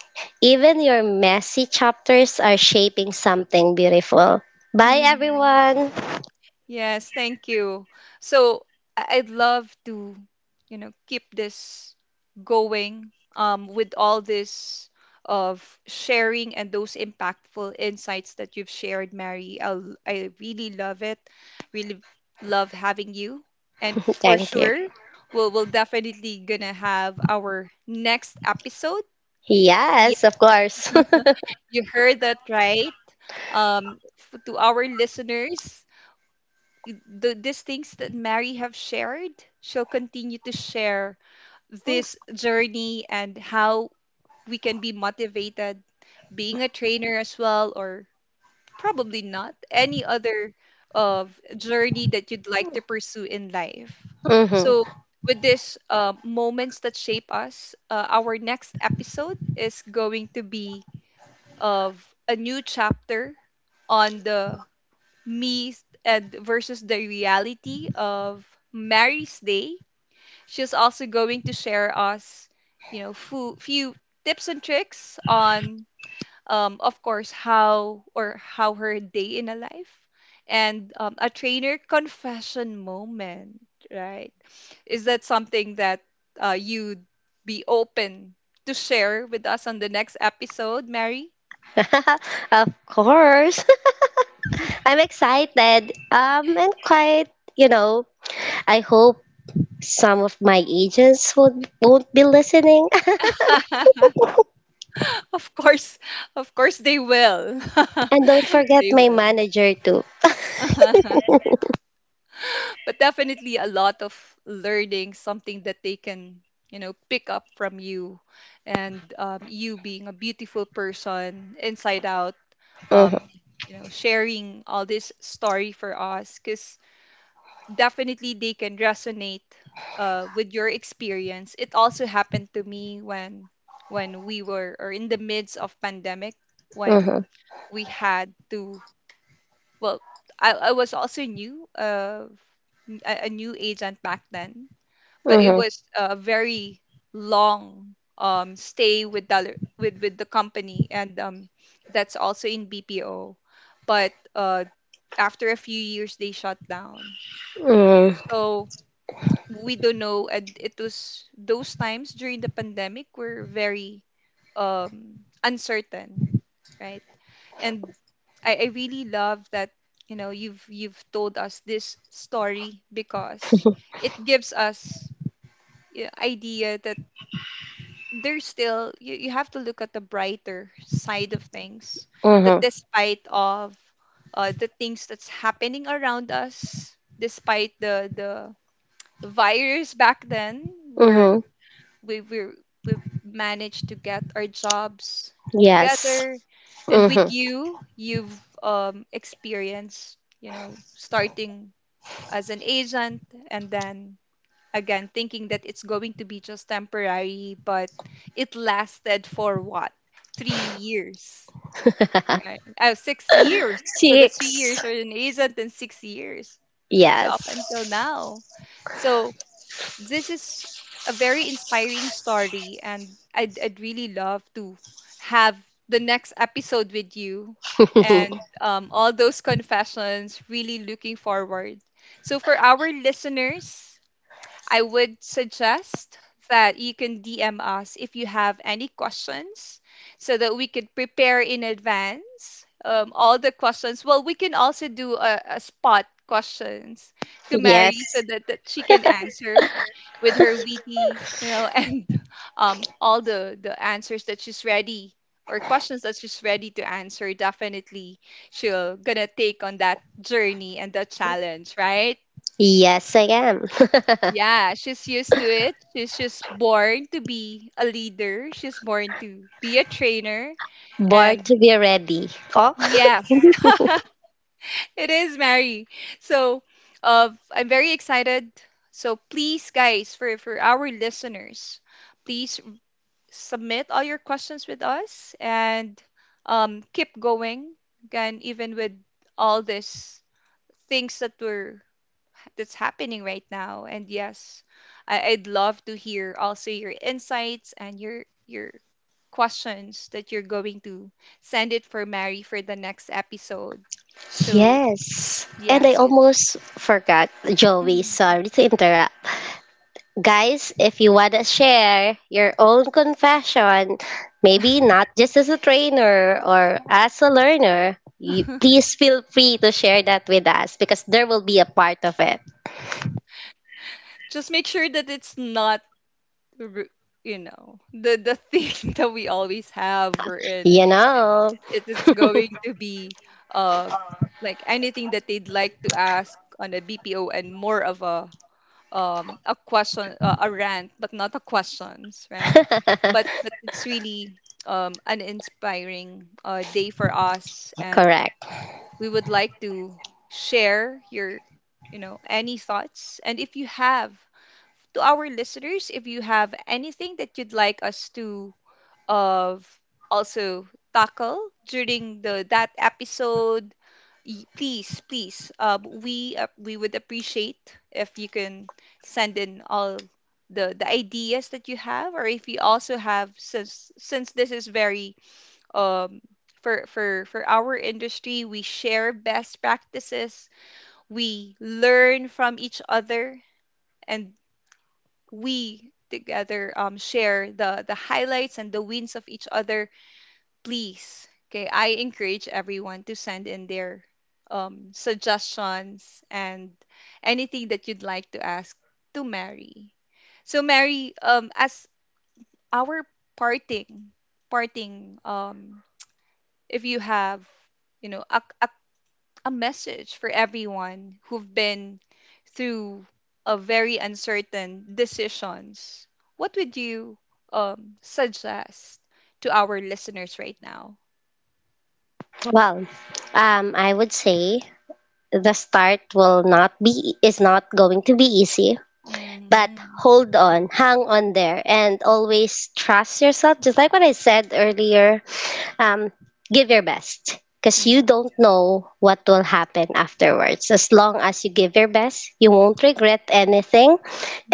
Even your messy chapters are shaping something beautiful. Bye, Mhm. everyone. Yes, thank you. So I- I'd love to, you know, keep this going um, with all this of sharing and those impactful insights that you've shared, Mary. I'll, I really love it. Really love having you. And for Thank you. sure, we'll, we'll definitely gonna have our next episode. Yeah, Yes, of course. [LAUGHS] you heard that right. Um, f- to our listeners, y- the, these things that Mary have shared, she'll continue to share this journey and how we can be motivated being a trainer as well, or probably not any other of journey that you'd like to pursue in life. hmm So with this uh, moments that shape us, uh, our next episode is going to be of a new chapter on the me and versus the reality of Mary's day. She's also going to share us, you know, few, few tips and tricks on, um, of course, how or how her day in a life and um, a trainer confession moment, right? Is that something that uh, you'd be open to share with us on the next episode, Mary? [LAUGHS] Of course. [LAUGHS] I'm excited. Um, and quite, you know, I hope some of my agents would, won't be listening. [LAUGHS] [LAUGHS] Of course, of course they will. [LAUGHS] And don't forget they my will. manager too. [LAUGHS] But definitely a lot of learning, something that they can, you know, pick up from you. And um, you being a beautiful person inside out, um, Mm-hmm, you know, sharing all this story for us because definitely they can resonate uh, with your experience. It also happened to me when when we were or in the midst of pandemic when mm-hmm, we had to well i, I was also new uh, a, a new agent back then but it mm-hmm, was a very long um, stay with the other- with with the company and um, that's also in bpo but uh, after a few years they shut down mm-hmm, so we don't know and it was those times during the pandemic were very um, uncertain right and I, I really love that you know you've you've told us this story because it gives us yeah, idea that there's still you, you have to look at the brighter side of things that mm-hmm, despite of uh, the things that's happening around us despite the the virus back then were mm-hmm. we we we've managed to get our jobs Yes. together and with you you've um experienced you know starting as an agent and then again thinking that it's going to be just temporary but it lasted for what three years Mm-hmm. [LAUGHS] right oh six years so that's three years Six. for an agent and six years so up Yes. until now so this is a very inspiring story, and I'd, I'd really love to have the next episode with you and [LAUGHS] um, all those confessions. Really looking forward. So, for our listeners, I would suggest that you can D M us if you have any questions so that we could prepare in advance um, all the questions. Well, we can also do a, a spot questions to Mary so Yes. that, that she can answer with her witty, you know, [LAUGHS] and um, all the, the answers that she's ready or questions that she's ready to answer. Definitely she'll gonna take on that journey and the challenge, right? Yes, I am. Yeah, she's used to it. She's just born to be a leader. She's born to be a trainer. [LAUGHS] Born And to be ready. Oh. [LAUGHS] yes, [LAUGHS] it is Mary. So, uh, I'm very excited. So please, guys, for for our listeners, please submit all your questions with us and um, keep going. Again, even with all these things that we're that's happening right now. And yes, I, I'd love to hear also your insights and your your questions that you're going to send it for Mary for the next episode. So Yes. And yeah, I so almost forgot, Joey, mhm. sorry to interrupt. Guys, if you want to share your own confession, maybe not just as a trainer or as a learner, you, [LAUGHS] please feel free to share that with us because there will be a part of it. Just make sure that it's not r- you know the the thing, [LAUGHS] that we always have, we're in You it's know? it, it's going to be uh like anything that they'd like to ask on a bpo, and more of a um a question, uh, a rant, but not a questions, right? But [LAUGHS] but it's really um an inspiring uh, day for us, and Correct. we would like to share your you know any thoughts. And if you have, to our listeners, if you have anything that you'd like us to of also tackle during the that episode, y- please, please, uh, we uh, we would appreciate if you can send in all the the ideas that you have. Or if you also have, since since this is very um for for for our industry, we share best practices, we learn from each other, and we together, um, share the the highlights and the wins of each other. Please. Okay, I encourage everyone to send in their um, suggestions and anything that you'd like to ask to Mary. So Mary, um, as our parting, parting um, if you have, you know, a, a, a message for everyone who've been through a very uncertain decisions, what would you um, suggest to our listeners right now? Well, um, I would say the start will not be, is not going to be easy. But Hmm. hold on, hang on there, and always trust yourself. Just like what I said earlier, um, give your best because you Yeah. don't know what will happen afterwards. As long as you give your best, you won't regret anything.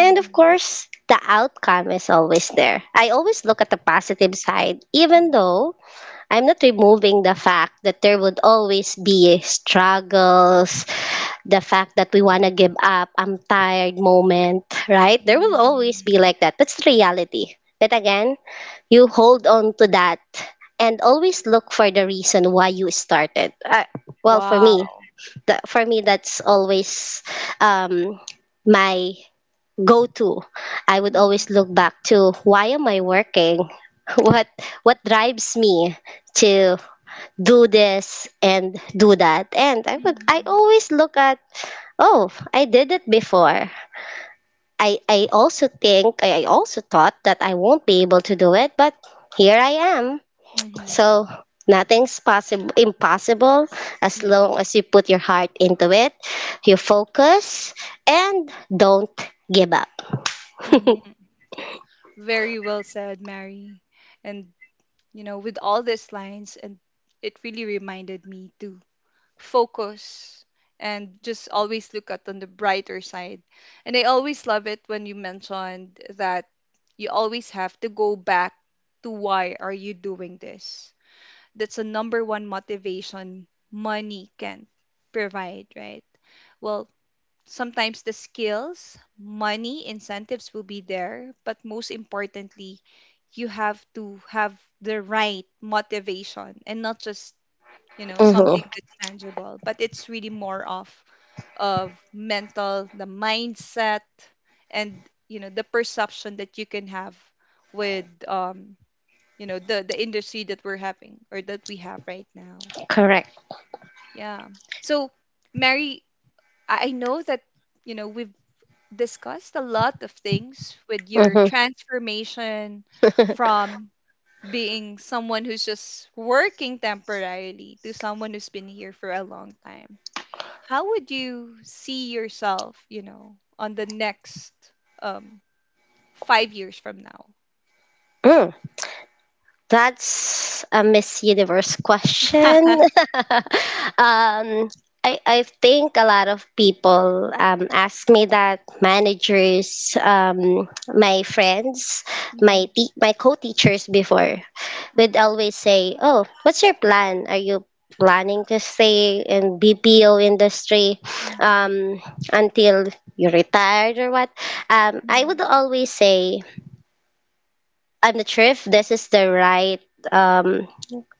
And of course, the outcome is always there. I always look at the positive side, even Mhm. though I'm not removing the fact that there would always be struggles, the fact that we want to give up, I'm tired moment, right? There will always be Mhm. like that. That's the reality. But again, you hold on to that and always look for the reason why you started. Uh, well, for me, Wow. that for me, that's always um, my go to. I would Mhm. always look back to why am I working? [LAUGHS] What what drives me to do this and do that. And I would, I Mhm. always look at, oh, I did it before. I, I also think I I also thought that I won't be able to do it, but here I am. Mhm. So nothing's possible, impossible as Yeah. long as you put your heart into it, you focus and don't give up. Mhm. Very well said, Mary. And, you know, with all these lines, and it really reminded me to focus and just always look at on the brighter side. And I always love it when you mentioned that you always have to go back to why are you doing this. That's the number one motivation money can provide, right? Well, sometimes the skills, money, incentives will be there, but most importantly, you have to have the right motivation and not just, you know, Mm-hmm. something that's tangible, but it's really more of of mental, the mindset, and you know the perception that you can have with um you know the the industry that we're having, or that we have right now. Correct. Yeah. So Mary, i I know that, you know, we've discussed a lot of things with your transformation Mm-hmm. from being someone who's just working temporarily to someone who's been here for a long time. How would you see yourself, you know, on the next um five years from now? [LAUGHS] That's a Miss Universe question. [LAUGHS] [LAUGHS] um, I, I think a lot of people um, ask me that, managers, um, my friends, my Mhm, te- my co-teachers before would mhm, always say, "Oh, what's your plan? Are you planning to stay in B P O industry mhm, um, until you retired or what?" Um, I would mhm, always say, "I'm not sure if this is the right." Um,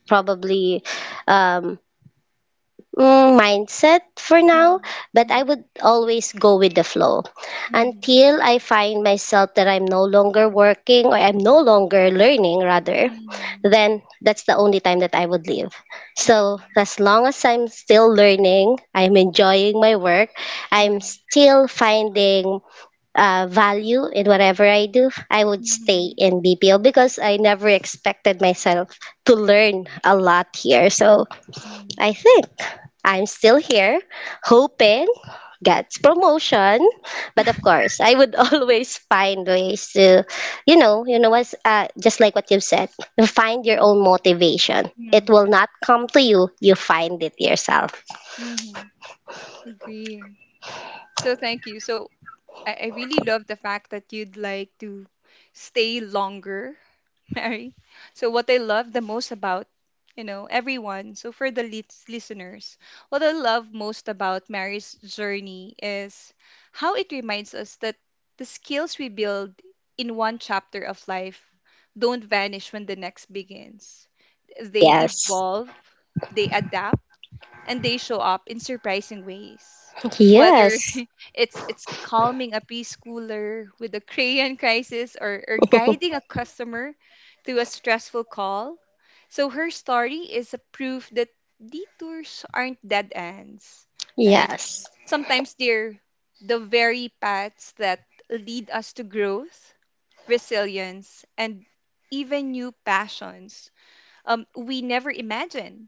probably um, mm, mindset for now, mhm, but I mhm, would always go with the flow mhm, until I find myself that I'm no longer working or I'm no longer learning, rather, mhm, then that's the only time that I would leave. So, mhm. as long as I'm still learning, I'm enjoying my work, Yeah. I'm still finding uh, value in whatever I do, I would stay Mhm, in B P O because I never expected myself to learn a lot here. So I mhm, think I'm still here, hoping gets promotion, but of course I would [LAUGHS] always find ways to, you know, you know what's uh, just like what you've said, you find your own motivation, it mhm, will not come to you, you find it yourself. mhm. Agree. So thank you. So I, I really love the fact that you'd like to stay longer, [LAUGHS] Mary. So what I love the most about, you know everyone. So for the lis- listeners, what I love most about Mary's journey is how it reminds us that the skills we build in one chapter of life don't vanish when the next begins. They Yes. evolve, they adapt, and they show up in surprising ways. Whether Yes. it's it's calming a preschooler with a crayon crisis, or, or guiding a customer through a stressful call. So her story is a proof that detours aren't dead ends, [LAUGHS] right? Yes. Sometimes they're the very paths that lead us to growth, resilience, and even new passions um, we never imagined.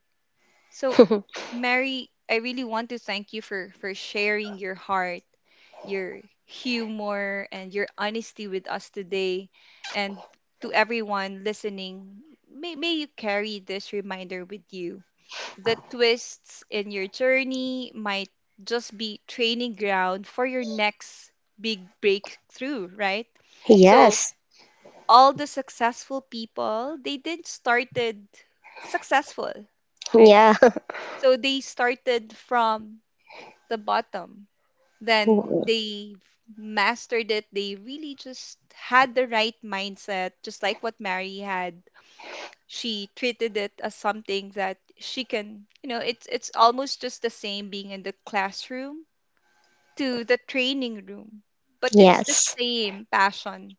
So, Mary, I really want to thank you for, for sharing your heart, your humor, and your honesty with us today. And to everyone listening, may, may you carry this reminder with you. The twists in your journey might just be training ground for your next big breakthrough, right? [LAUGHS] So Yes. all the successful people, they didn't started successful, right? Yeah. [LAUGHS] So they started from the bottom, then they've mastered it. They really just had the right mindset, just like what Mary had. She treated it as something that she can, you know, it's it's almost just the same being in the classroom to the training room, but it's the Yes. same passion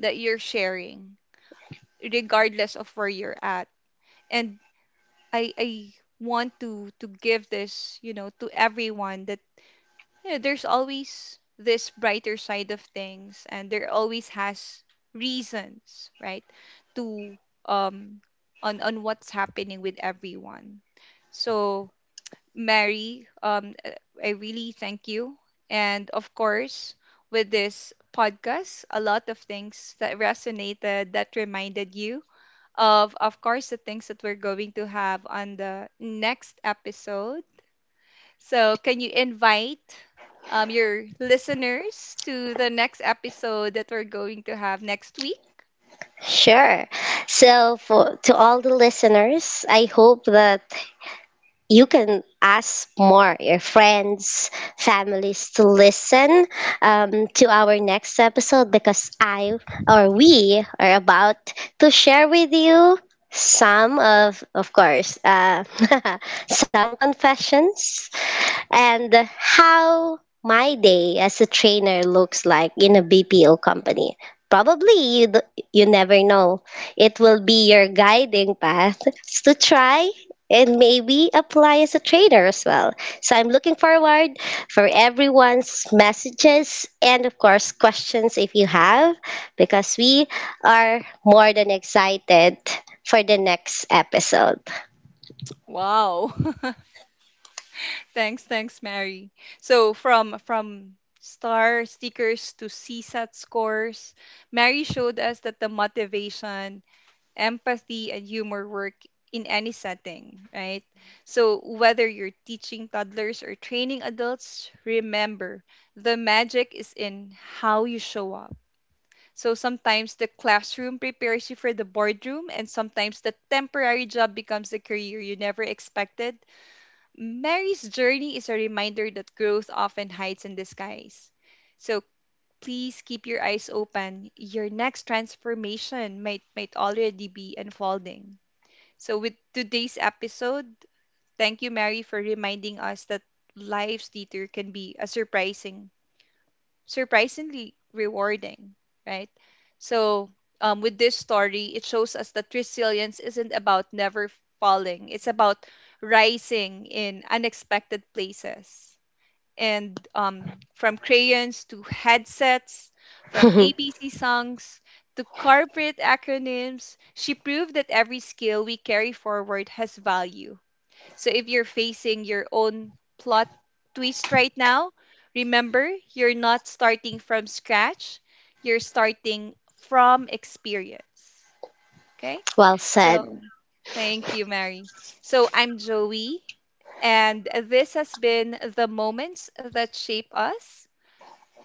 that you're sharing regardless of where you're at. And I I want to to give this, you know, to everyone that, you know, there's always this brighter side of things, and there always has reasons, right, to um on on what's happening with everyone. So Mary, um, uh, I really thank you, and of course, with this podcast, a lot of things that resonated, that reminded you of, of course, the things that we're going to have on the next episode. So, can you invite um, your listeners to the next episode that we're going to have next week? Sure. So for, to all the listeners, I hope that you can ask more your friends, families to listen um, to our next episode because I, or we, are about to share with you some of of course, uh, [LAUGHS] some confessions and how my day as a trainer looks like in a B P O company. Probably you, d- you never know. It will be your guiding path [LAUGHS] to try and maybe apply as a trainer as well. So I'm looking forward for everyone's messages and of course questions if you have, because we are more than excited for the next episode. Wow. [LAUGHS] Thanks, thanks, Mary. So, from from star stickers to CSAT scores, Mary showed us that the motivation, empathy, and humor work in any setting, right? So, whether you're teaching toddlers or training adults, remember, the magic is in how you show up. So sometimes the classroom prepares you for the boardroom, and sometimes the temporary job becomes the career you never expected. Mary's journey is a reminder that growth often hides in disguise. So please keep your eyes open. Your next transformation might might already be unfolding. So with today's episode, thank you Mary for reminding us that life's theater can be a surprising, surprisingly rewarding, right? So, um, with this story, it shows us that resilience isn't about never falling, it's about rising in unexpected places. And um, from crayons to headsets, from [LAUGHS] A B C songs to corporate acronyms, she proved that every skill we carry forward has value. So if you're facing your own plot twist right now, remember, you're not starting from scratch, you're starting from experience. Okay? Well So said. thank you, Mary. So I'm Joey, and this has been the moments that shape us.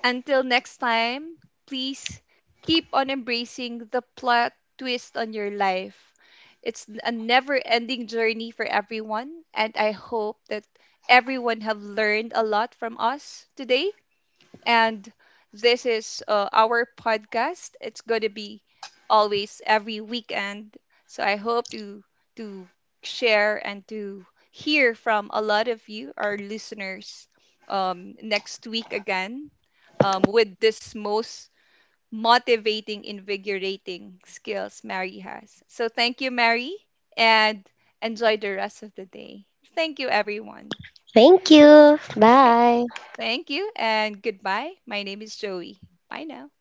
Until next time, please keep on embracing the plot twist on your life. It's n- a never-ending journey for everyone, and I hope that everyone have learned a lot from us today. And this is uh, our podcast. It's going to be always every weekend. So I hope to to share and to hear from a lot of you, our listeners, um, next week again, um, with this most motivating, invigorating skills Mary has. So thank you, Mary, and enjoy the rest of the day. Thank you, everyone. Thank you. Okay. Bye. Thank you and goodbye. My name is Joey. Bye now.